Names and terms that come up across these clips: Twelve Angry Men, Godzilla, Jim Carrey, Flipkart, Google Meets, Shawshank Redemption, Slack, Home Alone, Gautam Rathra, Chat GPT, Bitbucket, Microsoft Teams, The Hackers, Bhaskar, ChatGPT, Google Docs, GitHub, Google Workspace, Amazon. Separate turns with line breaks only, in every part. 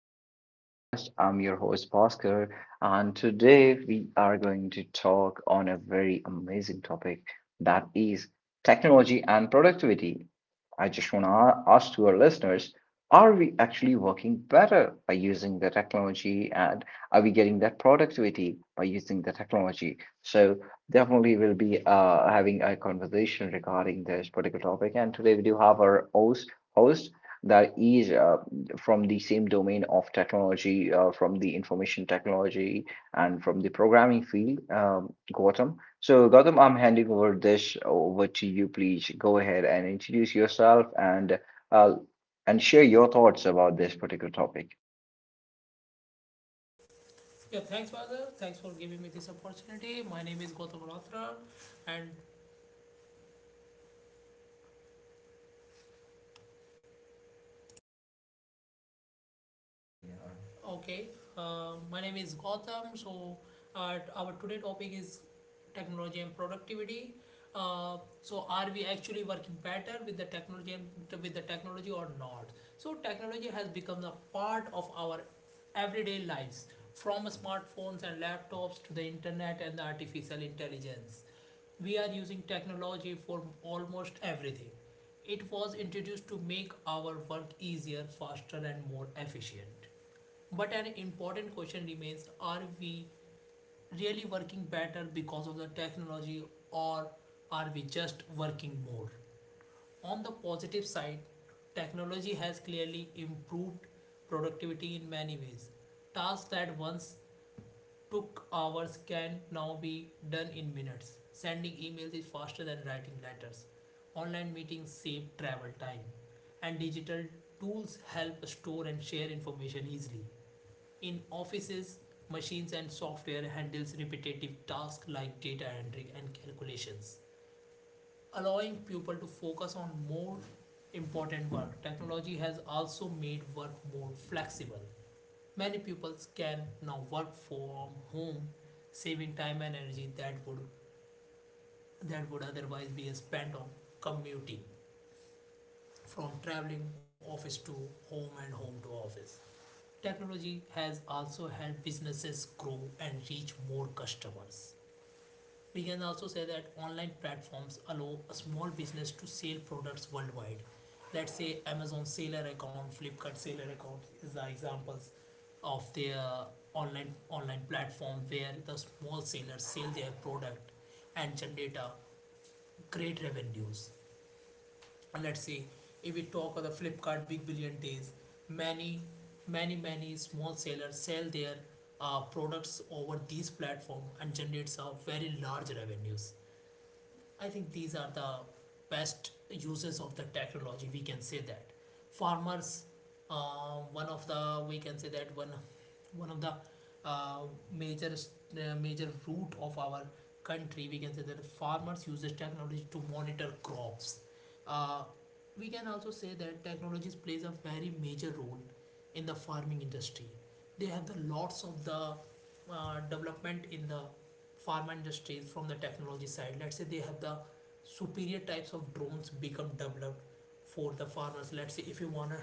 to our podcast. I'm your host, Bhaskar, and today we are going to talk on a very amazing topic that is technology and productivity. I just want to ask to our listeners are we actually working better by using the technology, and are we getting that productivity by using the technology? So, definitely we'll be having a conversation regarding this particular topic, and today we do have our host that is from the same domain of technology, from the information technology and from the programming field, Gautam. So, Gautam, I'm handing over this over to you. Please go ahead and introduce yourself uh, and share your thoughts about this particular topic.
Yeah, thanks, Father. Thanks for giving me this opportunity. My name is Gautam Rathra, and Okay, my name is Gautam. Our today topic is technology and productivity. So, are we actually working better with the technology or not? So, technology has become a part of our everyday lives, from smartphones and laptops to the internet and the artificial intelligence. We are using technology for almost everything. It was introduced to make our work easier, faster, and more efficient. But an important question remains: are we really working better because of the technology, or are we just working more? On the positive side, technology has clearly improved productivity in many ways. Tasks that once took hours can now be done in minutes. Sending emails is faster than writing letters. Online meetings save travel time. And digital tools help store and share information easily. In offices, machines and software handles repetitive tasks like data entry and calculations, allowing people to focus on more important work. Technology has also made work more flexible. Many pupils can now work from home, saving time and energy that would otherwise be spent on commuting, from traveling office to home and home to office. Technology has also helped businesses grow and reach more customers. We can also say that online platforms allow a small business to sell products worldwide. Let's say Amazon seller account, Flipkart seller account is the examples of their online platform where the small sellers sell their product and generate a great revenues. Let's say if we talk of the Flipkart Big Billion Days, many many small sellers sell their products over these platform and generates a very large revenues. I think these are the best uses of the technology. We can say that farmers, one of the we can say that one, one of the uh, major major root of our country. We can say that farmers uses technology to monitor crops. Uh, we can also say that technologies plays a very major role in the farming industry. They have the lots of the development in the pharma industries from the technology side. Let's say they have the superior types of drones become developed for the farmers. Let's say if you wanna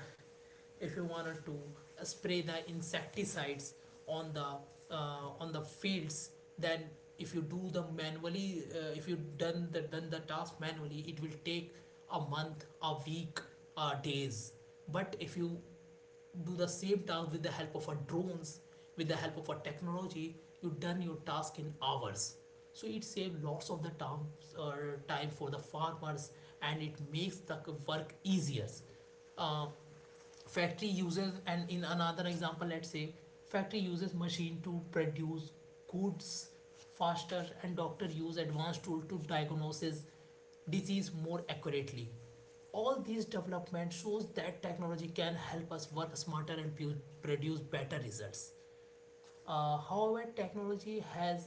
if you wanted to spray the insecticides on the on the fields, then if you do the manually, if you done the task manually it will take a month, a week, days. But if you do the same task with the help of a drones, with the help of a technology, you done your task in hours. So it saves lots of the time, uh, time for the farmers, and it makes the work easier. Uh, factory uses and in another example, let's say factory uses machine to produce goods faster, and doctor use advanced tool to diagnosis disease more accurately. All these development shows that technology can help us work smarter and produce better results. However, technology has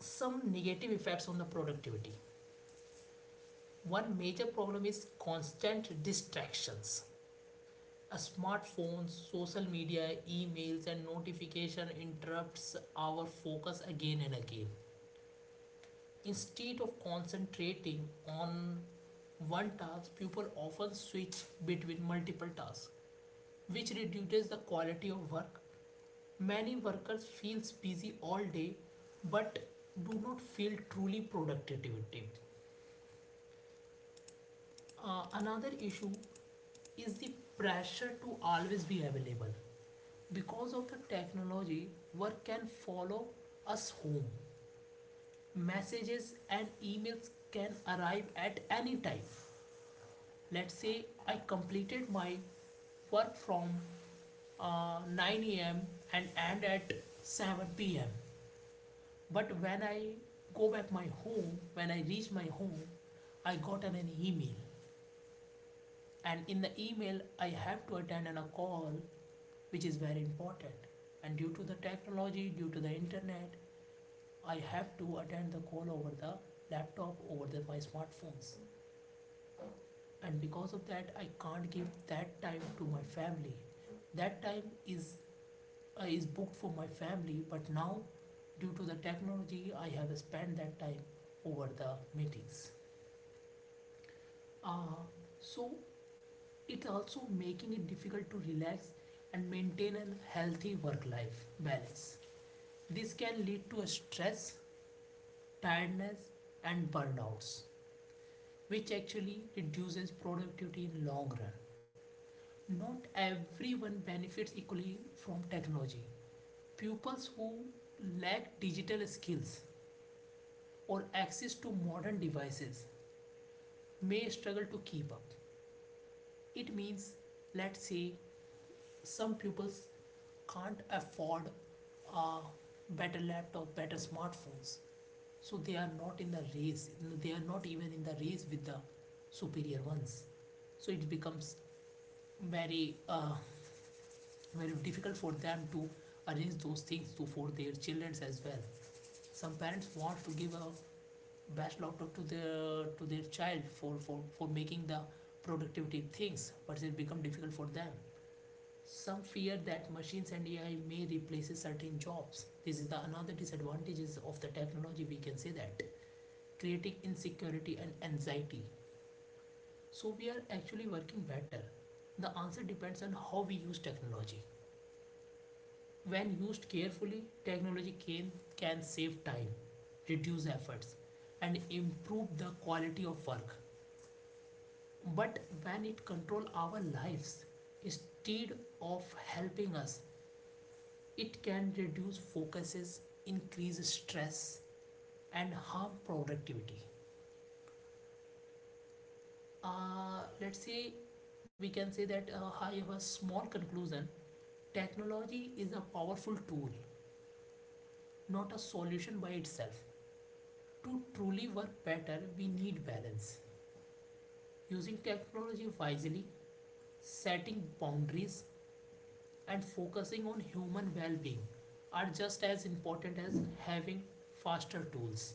some negative effects on the productivity. One major problem is constant distractions. Smartphones, social media, emails, and notification interrupts our focus again and again. Instead of concentrating on one task, people often switch between multiple tasks, which reduces the quality of work. Many workers feel busy all day but do not feel truly productivity. Another issue is the pressure to always be available. Because of the technology, work can follow us home. Messages and emails can arrive at any time. Let's say I completed my work from 9 a.m. and end at 7 p.m. But when I go back my home, when I reach my home, I got an email, and in the email I have to attend on a call, which is very important. And due to the technology, due to the internet, I have to attend the call over the laptop, over the, my smartphones. And because of that, I can't give that time to my family. That time is booked for my family, but now, due to the technology, I have spent that time over the meetings. Uh, so it also making it difficult to relax and maintain a healthy work-life balance. This can lead to a stress, tiredness, and burnouts, which actually reduces productivity in long run. Not everyone benefits equally from technology. Pupils who lack digital skills or access to modern devices may struggle to keep up. It means, let's say, some pupils can't afford a better laptop, better smartphones. So they are not in the race. They are not even in the race with the superior ones. So it becomes very uh, very difficult for them to arrange those things to for their children as well. Some parents want to give a best laptop to their child for making the productivity things, but it becomes difficult for them. Some fear that machines and AI may replace certain jobs. This is the another disadvantages of the technology, we can say that, creating insecurity and anxiety. So we are actually working better. The answer depends on how we use technology. When used carefully, technology can save time, reduce efforts, and improve the quality of work. But when it control our lives instead of helping us, it can reduce focuses, increase stress, and harm productivity. Let's say we can say that, however, small conclusion: technology is a powerful tool, not a solution by itself. To truly work better, we need balance. Using technology wisely, setting boundaries, and focusing on human well being are just as important as having faster tools.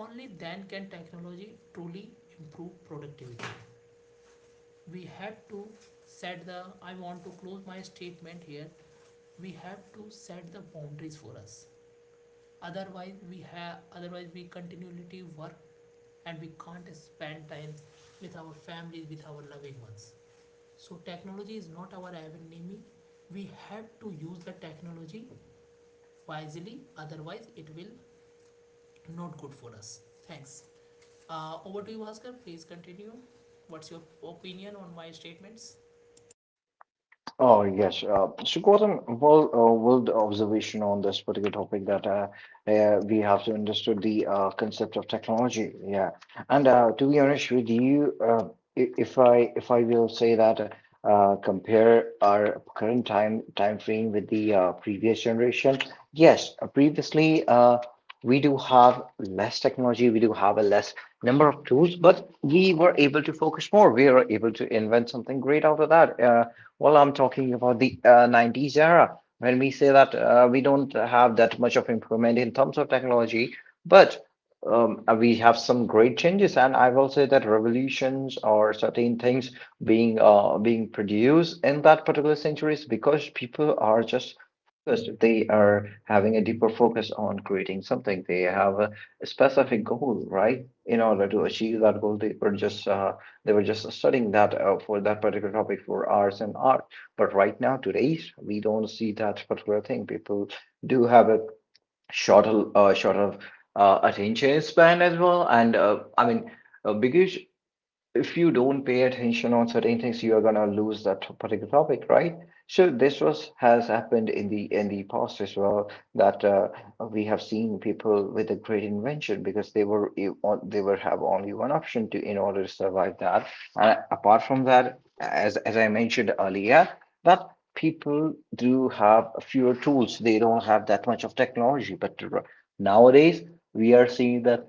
Only then can technology truly improve productivity. We have to I want to close my statement here, we have to set the boundaries for us. Otherwise, otherwise we continually work and we can't spend time with our families, with our loving ones. So technology is not our enemy. We have to use the technology wisely, otherwise it will not good for us. Thanks. Over to you, Bhaskar. Please continue. What's your opinion on my statements?
Oh, yes. So, Gautam, well, the observation on this particular topic that we have to understood the concept of technology. Yeah, and to be honest with you, if I will say that compare our current time frame with the previous generation, yes, previously we do have less technology, we do have a less number of tools, but we were able to focus more. We were able to invent something great out of that. Well, I'm talking about the 90s era when we say that we don't have that much of improvement in terms of technology, but we have some great changes. And I will say that revolutions or certain things being being produced in that particular century is because people are just focused. They are having a deeper focus on creating something. They have a specific goal, right? In order to achieve that goal, they were just studying that for that particular topic for hours and hours. But right now, today, we don't see that particular thing. People do have a shorter attention span as well. And because if you don't pay attention on certain things you are going to lose that particular topic, right? So this was has happened in the past as well that we have seen people with a great invention because they were have only one option to in order to survive that. And apart from that, as I mentioned earlier that people do have fewer tools, they don't have that much of technology, but nowadays we are seeing that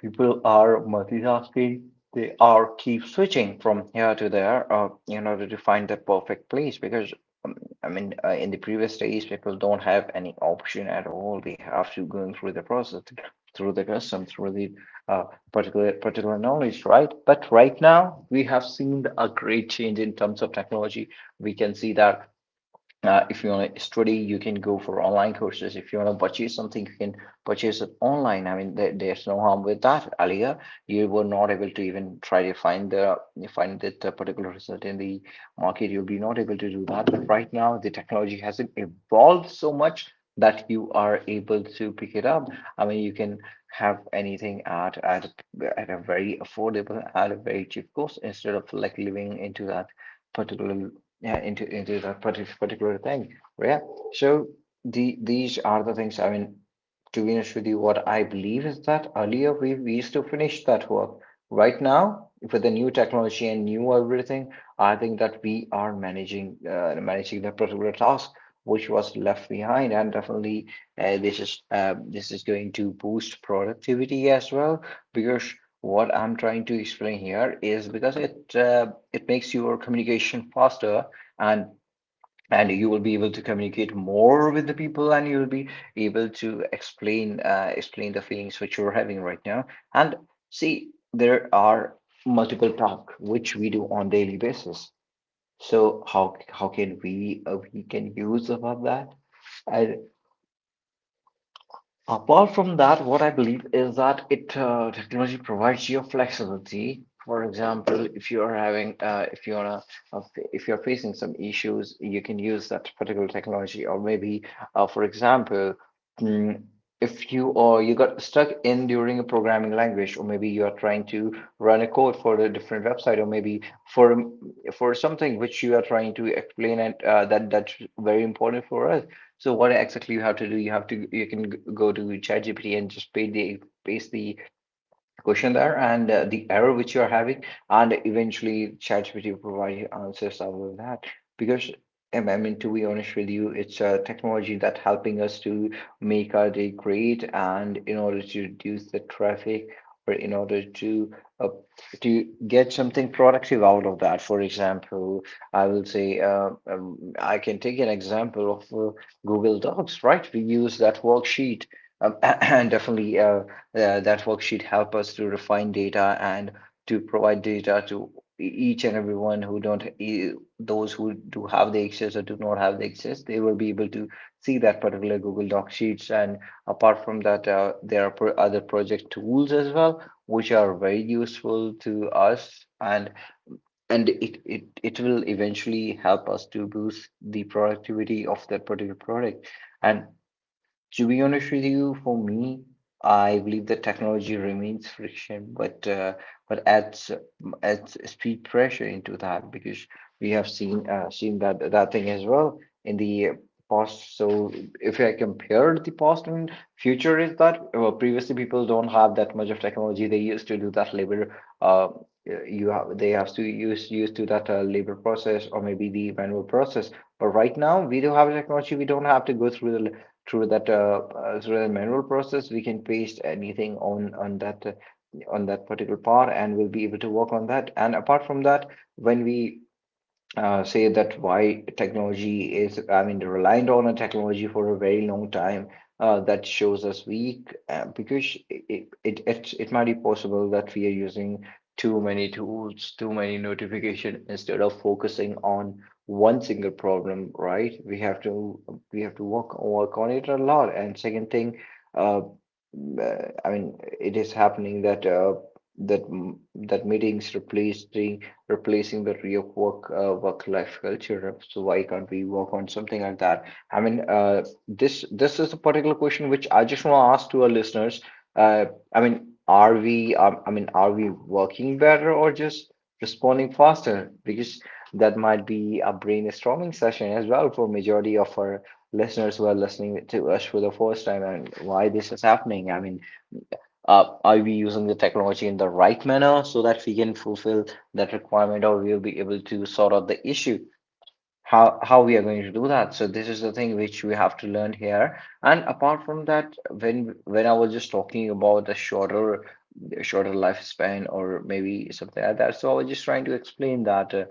people are multitasking. They are keep switching from here to there in order to find the perfect place because um, I mean in the previous days people don't have any option at all. They have to going through the process, through the custom, through the uh, particular knowledge, right? But right now we have seen a great change in terms of technology. We can see that if you want to study you can go for online courses. If you want to purchase something you can purchase it online. I mean there's no harm with that. Earlier you were not able to even try to find the find that particular result in the market, you'll be not able to do that. But right now the technology hasn't evolved so much that you are able to pick it up. I mean you can have anything at a very affordable, at a very cheap cost instead of like living into that particular, yeah, into that particular thing, yeah. So these are the things. I mean to be honest with you, what I believe is that earlier we used to finish that work. Right now with the new technology and new everything, I think that we are managing managing that particular task which was left behind, and definitely this is going to boost productivity as well because what I'm trying to explain here is because it it makes your communication faster, and and you will be able to communicate more with the people and you'll be able to explain explain the feelings which you're having right now. And see there are multiple tasks which we do on daily basis. So how can we can use about that. I Apart from that, what I believe is that it technology provides you flexibility. For example, if you are having uh, if you are facing some issues, you can use that particular technology. Or maybe, for example, mm, if you or you got stuck in during a programming language, or maybe you are trying to run a code for a different website, or maybe for for something which you are trying to explain and that that's very important for us. So what exactly you have to do, you have to you can go to ChatGPT and just paste the question there and the error which you are having, and eventually ChatGPT will provide you answers out of that because I mean to be honest with you, it's a technology that helping us to make our day great and in order to reduce the traffic or in order uh, to get something productive out of that. For example, I will say I can take an example of Google Docs, right? We use that worksheet, and definitely that worksheet help us to refine data and to provide data to each and everyone who don't, those who do have the access or do not have the access, they will be able to see that particular Google Doc sheets. And apart from that there are other project tools as well which are very useful to us, and it will eventually help us to boost the productivity of that particular product. And to be honest with you, for me, I believe that technology remains friction, but adds speed pressure into that because we have seen seen that that thing as well in the past. So if I compare the past and future, is that well, previously people don't have that much of technology. They used to do that labor. Uh, you have they have to use used to that labor process, or maybe the manual process. But right now, we do have technology. We don't have to go through the through that through the manual process. We can paste anything on that particular part, and we'll be able to work on that. And apart from that when we say that why technology is, I mean, reliant on a technology for a very long time, that shows us weak because it might be possible that we are using too many tools, too many notification instead of focusing on one single problem, right? We have to work on it a lot. And second thing, uh, I mean, it is happening that that m- that meetings replacing the real work work life culture. So why can't we work on something like that? I mean, this this is a particular question which I just want to ask to our listeners. Uh, I mean, are we? I mean, are we working better or just responding faster? Because that might be a brainstorming session as well for majority of our listeners who are listening to us for the first time and why this is happening. I mean, are we using the technology in the right manner so that we can fulfill that requirement or we'll be able to sort out the issue? How we are going to do that? So this is the thing which we have to learn here. And apart from that when when I was just talking about a shorter lifespan or maybe something like that, so I was just trying to explain that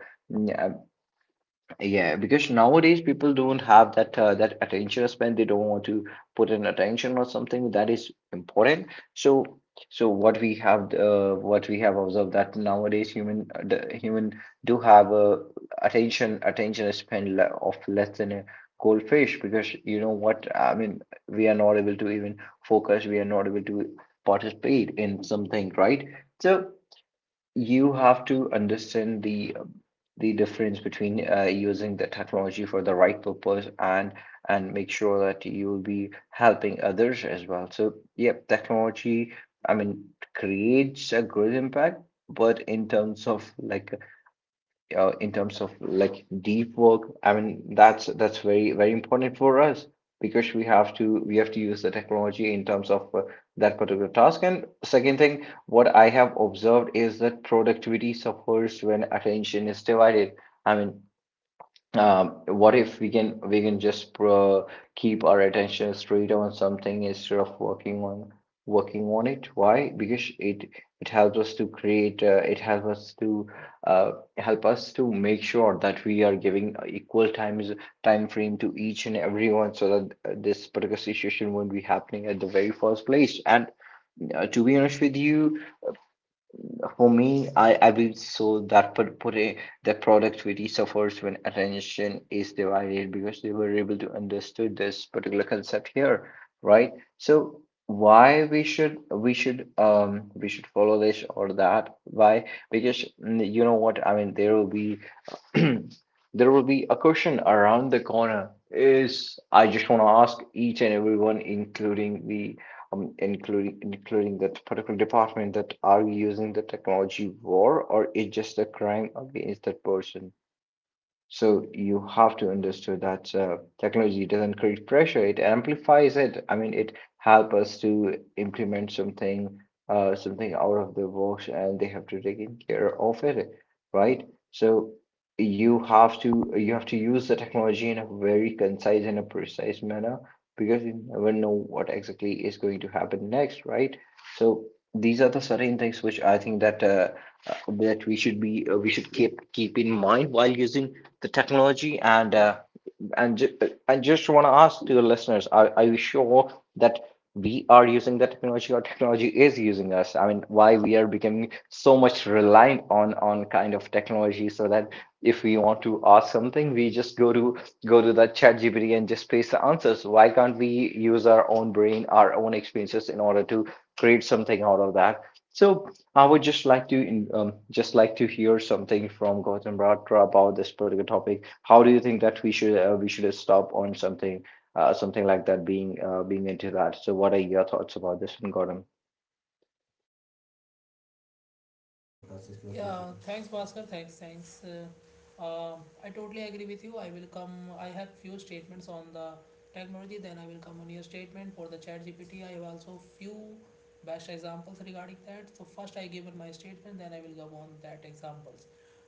yeah, because nowadays people don't have that that attention span. They don't want to put in attention or something that is important. So, so what we have observed that nowadays human the human do have a attention span le of less than a goldfish because you know what I mean. We are not able to even focus. We are not able to participate in something, right? So you have to understand the difference between using the technology for the right purpose and make sure that you will be helping others as well. So, yep, technology, I mean, creates a good impact, but in terms of like in terms of like deep work. I mean, that's very very important for us because we have to use the technology in terms of that particular task. And second thing, what I have observed is that productivity suffers when attention is divided. I mean, what if we can just pro keep our attention straight on something instead of working on it? Why? Because it helps us to create. It helps us to uh, help us to make sure that we are giving equal time frame to each and everyone, so that this particular situation won't be happening at the very first place. And to be honest with you, for me, I will so that per pure the productivity suffers when attention is divided because they were able to understood this particular concept here, right? So why we should we should follow this or that? Why? Because you know what I mean. There will be there will be a question around the corner is I just want to ask each and everyone including the including that particular department that are we using the technology war or is just a crime against that person, so you have to understand that technology doesn't create pressure; it amplifies it. I mean, it helps us to implement something, something out of the box, and they have to take care of it, right? So you have to use the technology in a very concise and a precise manner because you never know what exactly is going to happen next, right? So these are the certain things which I think that uh, that we should be we should keep in mind while using the technology and and I just want to ask to your listeners: Are you sure that we are using the technology, or technology is using us? I mean, why we are becoming so much reliant on kind of technology, so that if we want to ask something, we just go to the chat GPT and just paste the answers. Why can't we use our own brain, our own experiences in order to create something out of that? So I would just like to just like to hear something from Gautam Rathra about this particular topic. How do you think that we should stop on something something like that being into that? So what are your thoughts about this, Gautam?
Podcast. It was Yeah, lovely. Thanks, Bhaskar. Thanks. uh, I totally agree with you. I will come. I have few statements on the technology. Then I will come on your statement for the Chat GPT. I have also few best examples regarding that. So first I give on my statement. Then I will go on that examples.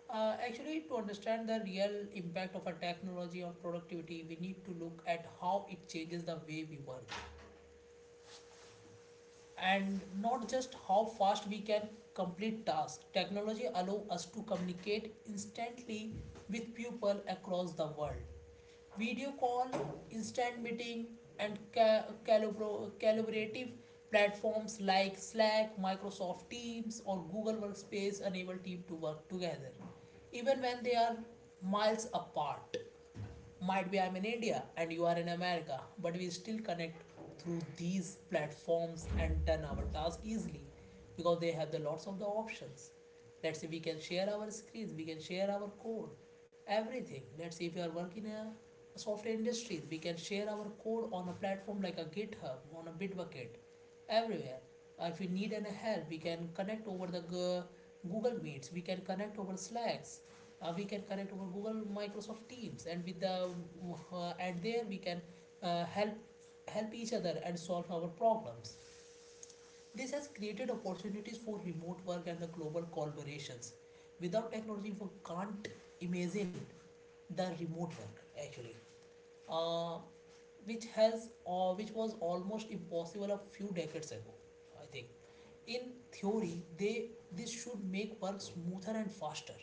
Actually, to understand the real impact of a technology on productivity, we need to look at how it changes the way we work and not just how fast we can complete tasks. Technology allows us to communicate instantly with people across the world. Video call, instant meeting, and collaborative platforms like Slack, Microsoft Teams, or Google Workspace enable team to work together even when they are miles apart. Might be I'm in India and you are in America, but we still connect through these platforms and done our task easily, because they have the lots of the options. Let's say we can share our screens, we can share our code, everything. Let's say if you are working in a software industry, we can share our code on a platform like a GitHub, on a Bitbucket, everywhere. If we need any help, we can connect over the Google Meets, we can connect over Slacks, we can connect over Google Microsoft Teams, and with the and there we can uh, help help each other and solve our problems. This has created opportunities for remote work and the global collaborations. Without technology we can't imagine the remote work actually, uh, which has which was almost impossible a few decades ago. I think in theory they this should make work smoother and faster,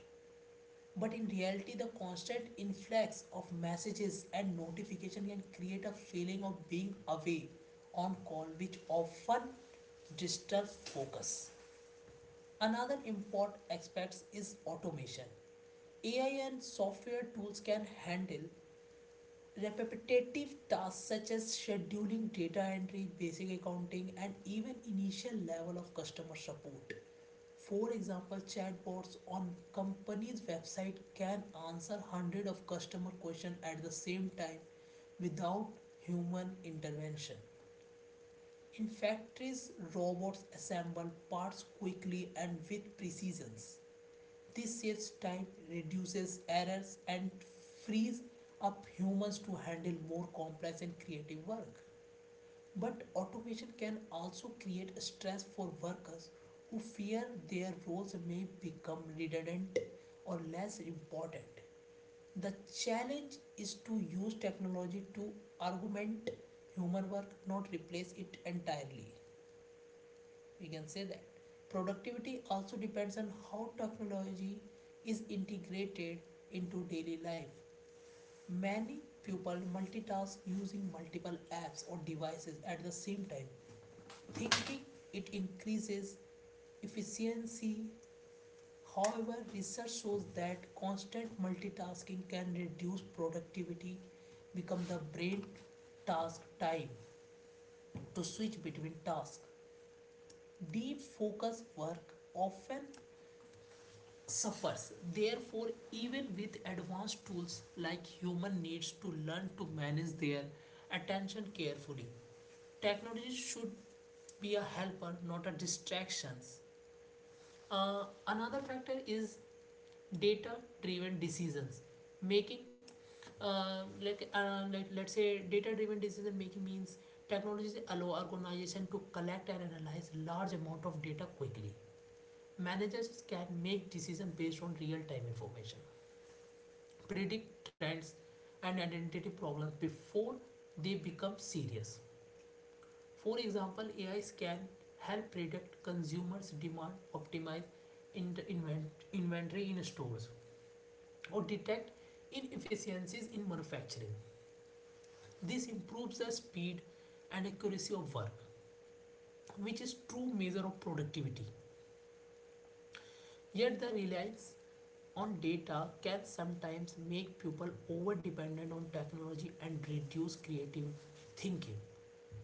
but in reality, the constant influx of messages and notification can create a feeling of being away on call, which often disturbs focus. Another important aspect is automation. AI and software tools can handle repetitive tasks such as scheduling, data entry, basic accounting, and even initial level of customer support. For example, chatbots on company's website can answer hundreds of customer questions at the same time without human intervention. In factories, robots assemble parts quickly and with precision. This saves time, reduces errors, and frees up humans to handle more complex and creative work. But automation can also create stress for workers who fear their roles may become redundant or less important. The challenge is to use technology to augment human work, not replace it entirely. We can say that productivity also depends on how technology is integrated into daily life. Many people multitask using multiple apps or devices at the same time, thinking it increases efficiency. However, research shows that constant multitasking can reduce productivity, become the brain task time to switch between tasks. Deep focus work often suffers. Therefore, even with advanced tools like human needs to learn to manage their attention carefully. Technology should be a helper, not a distraction. Another factor is data-driven decisions. Making let's say data-driven decision making means technologies allow organization to collect and analyze large amount of data quickly. Managers can make decisions based on real-time information, predict trends, and identity problems before they become serious. For example, AIs can help predict consumers' demand, optimize inventory in stores, or detect inefficiencies in manufacturing. This improves the speed and accuracy of work, which is true measure of productivity. Yet the reliance on data can sometimes make people over dependent on technology and reduce creative thinking.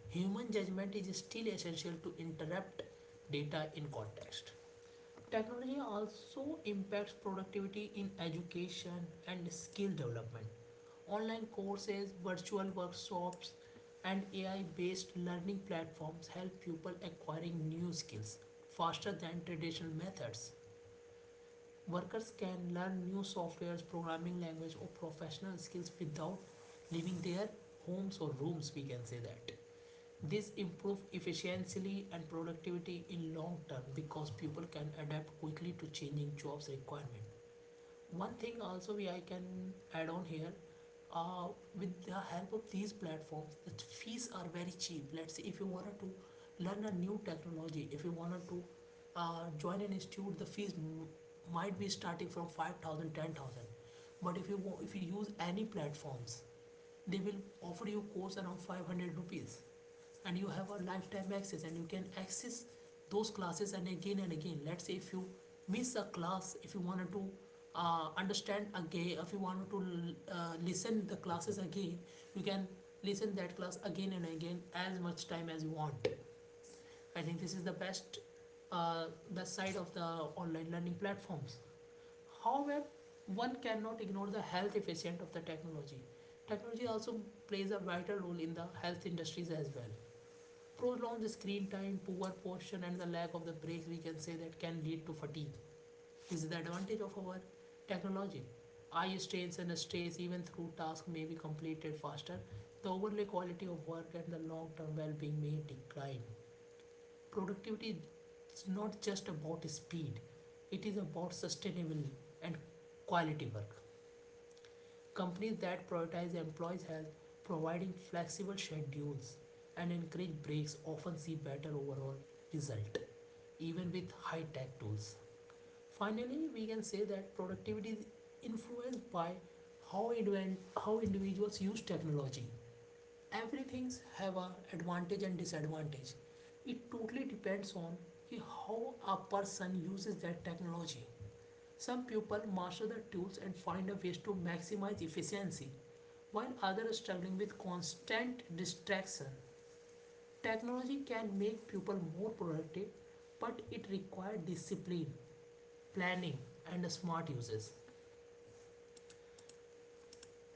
Human judgment is still essential to interpret data in context. Technology also impacts productivity in education and skill development. Online courses, virtual workshops, and AI based learning platforms help people acquiring new skills faster than traditional methods. Workers can learn new softwares, programming language, or professional skills without leaving their homes or rooms, we can say that. This improve efficiency and productivity in long term because people can adapt quickly to changing jobs requirement. One thing also we I can add on here, uh, with the help of these platforms, the fees are very cheap. Let's say if you wanted to learn a new technology, if you wanted to join an institute, the might be starting from 5,000, 10,000. But if you use any platforms, they will offer you course around 500 rupees, and you have a lifetime access and you can access those classes and again and again. Let's say if you miss a class, if you wanted to understand again, if you wanted to listen the classes again, you can listen that class again and again as much time as you want. I think this is the best side of the online learning platforms. However, one cannot ignore the health efficient of the technology. Technology also plays a vital role in the health industries as well. Prolonged screen time, poor posture, and the lack of the breaks we can say that can lead to fatigue. This is the advantage of our technology. Eye strains and stress, even through tasks, may be completed faster. The overlay quality of work and the long term well being may decline. Productivity is not just about speed, it is about sustainable and quality work. Companies that prioritize employees' health, providing flexible schedules, and encourage breaks often see better overall result, even with high-tech tools. Finally, we can say that productivity is influenced by how, indiv- how individuals use technology. Everything's have a advantage and disadvantage. It totally depends on कि how a person uses that technology. Some people master the tools and find a ways to maximize efficiency, while others are struggling with constant distraction. Technology can make people more productive, but it requires discipline, planning, and smart uses.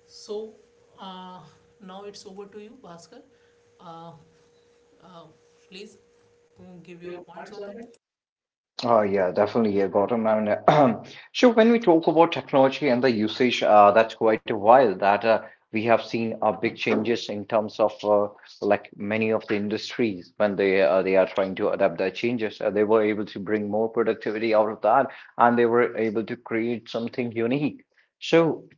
So uh, now it's over to you, Bhaskar. Uh, Please, give your points on that.
Oh yeah, definitely. Yeah, Gautam. I mean, so when we talk about technology and the usage, that's quite a while that we have seen big changes in terms of like many of the industries when they are trying to adapt their changes. They were able to bring more productivity out of that, and they were able to create something unique. So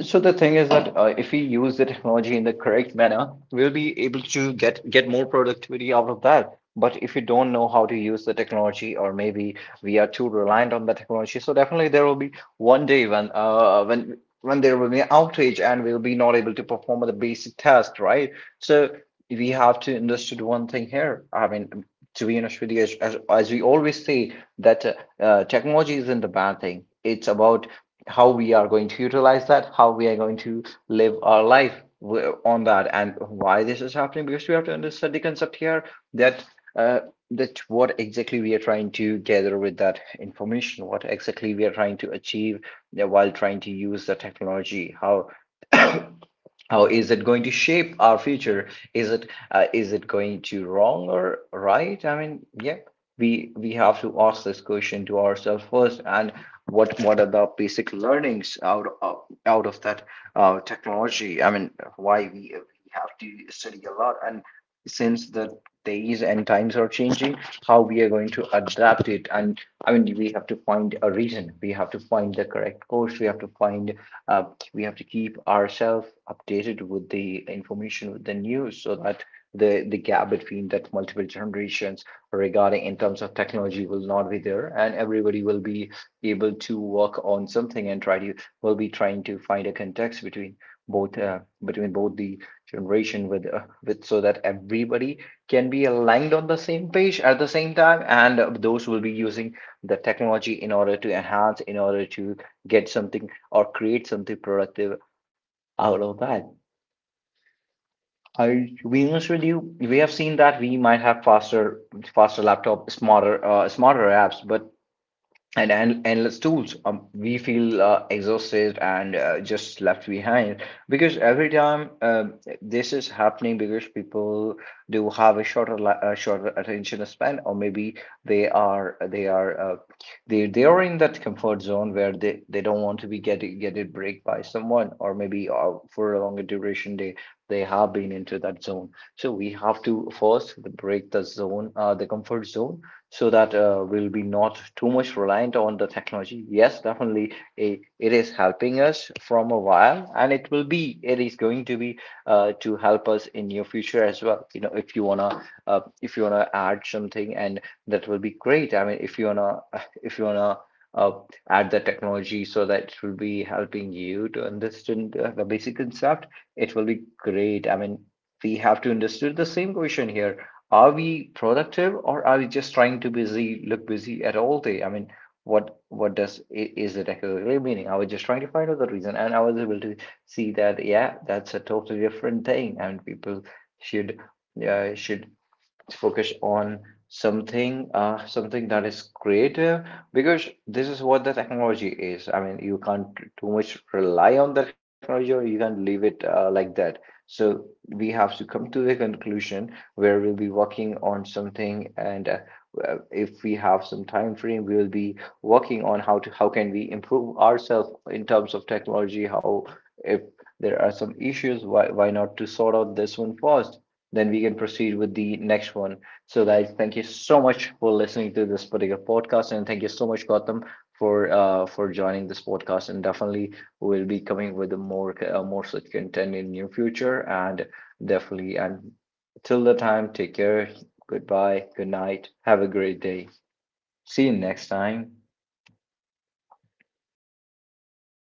the thing is that if we use the technology in the correct manner, we'll be able to get more productivity out of that. But if you don't know how to use the technology, or maybe we are too reliant on the technology, so definitely there will be one day when there will be an outage and we'll be not able to perform the basic task, right? So we have to understand one thing here. I mean, to be honest with you, as we always say, that technology isn't the bad thing. It's about how we are going to utilize that, how we are going to live our life on that, and why this is happening. Because we have to understand the concept here that uh, that what exactly we are trying to gather with that information, what exactly we are trying to achieve while trying to use the technology, how is it going to shape our future? Is it going to wrong or right? I mean, yeah, we have to ask this question to ourselves first, and what are the basic learnings out of that technology? I mean, why we have to study a lot, and since the days and times are changing, how we are going to adapt it? And I mean, we have to find a reason. We have to find the correct course. We have to find uh, we have to keep ourselves updated with the information with the news so that the gap between that multiple generations regarding in terms of technology will not be there and everybody will be able to work on something and try to will be trying to find a context both uh, between both the generation with so that everybody can be aligned on the same page at the same time and those will be using the technology in order to enhance in order to get something or create something productive out of that. I to be honest with you, we have seen that we might have faster, faster laptop, smarter apps, but and endless tools. We feel exhausted and just left behind because every time this is happening, because people do have a a shorter attention span, or maybe they are they are uh, they are in that comfort zone where they don't want to be get it break by someone, or maybe for a longer duration they have been into that zone. So we have to first break the zone, the comfort zone so that we'll be not too much reliant on the technology. Yes, definitely, A it is helping us from a while, and it is going to be to help us in your future as well. You know, if you wanna add something, and that will be great. I mean, if you wanna. Uh, Add the technology so that it will be helping you to understand the basic concept. It will be great. I mean, we have to understand the same question here, are we productive or are we just trying to busy look busy at all day? I mean, what does is it actually meaning? I was just trying to find out the reason and I was able to see that yeah, that's a totally different thing and people should should focus on something something that is creative because this is what the technology is. I mean, you can't too much rely on the technology or you can't leave it like that, so we have to come to the conclusion where we'll be working on something and if we have some time frame we will be working on how can we improve ourselves in terms of technology, how if there are some issues, why not to sort out this one first, then we can proceed with the next one. So, guys, thank you so much for listening to this particular podcast, and thank you so much, Gautam, for joining this podcast. And definitely, we'll be coming with more such content in near future. And definitely, and till the time, take care. Goodbye. Good night. Have a great day. See you next time.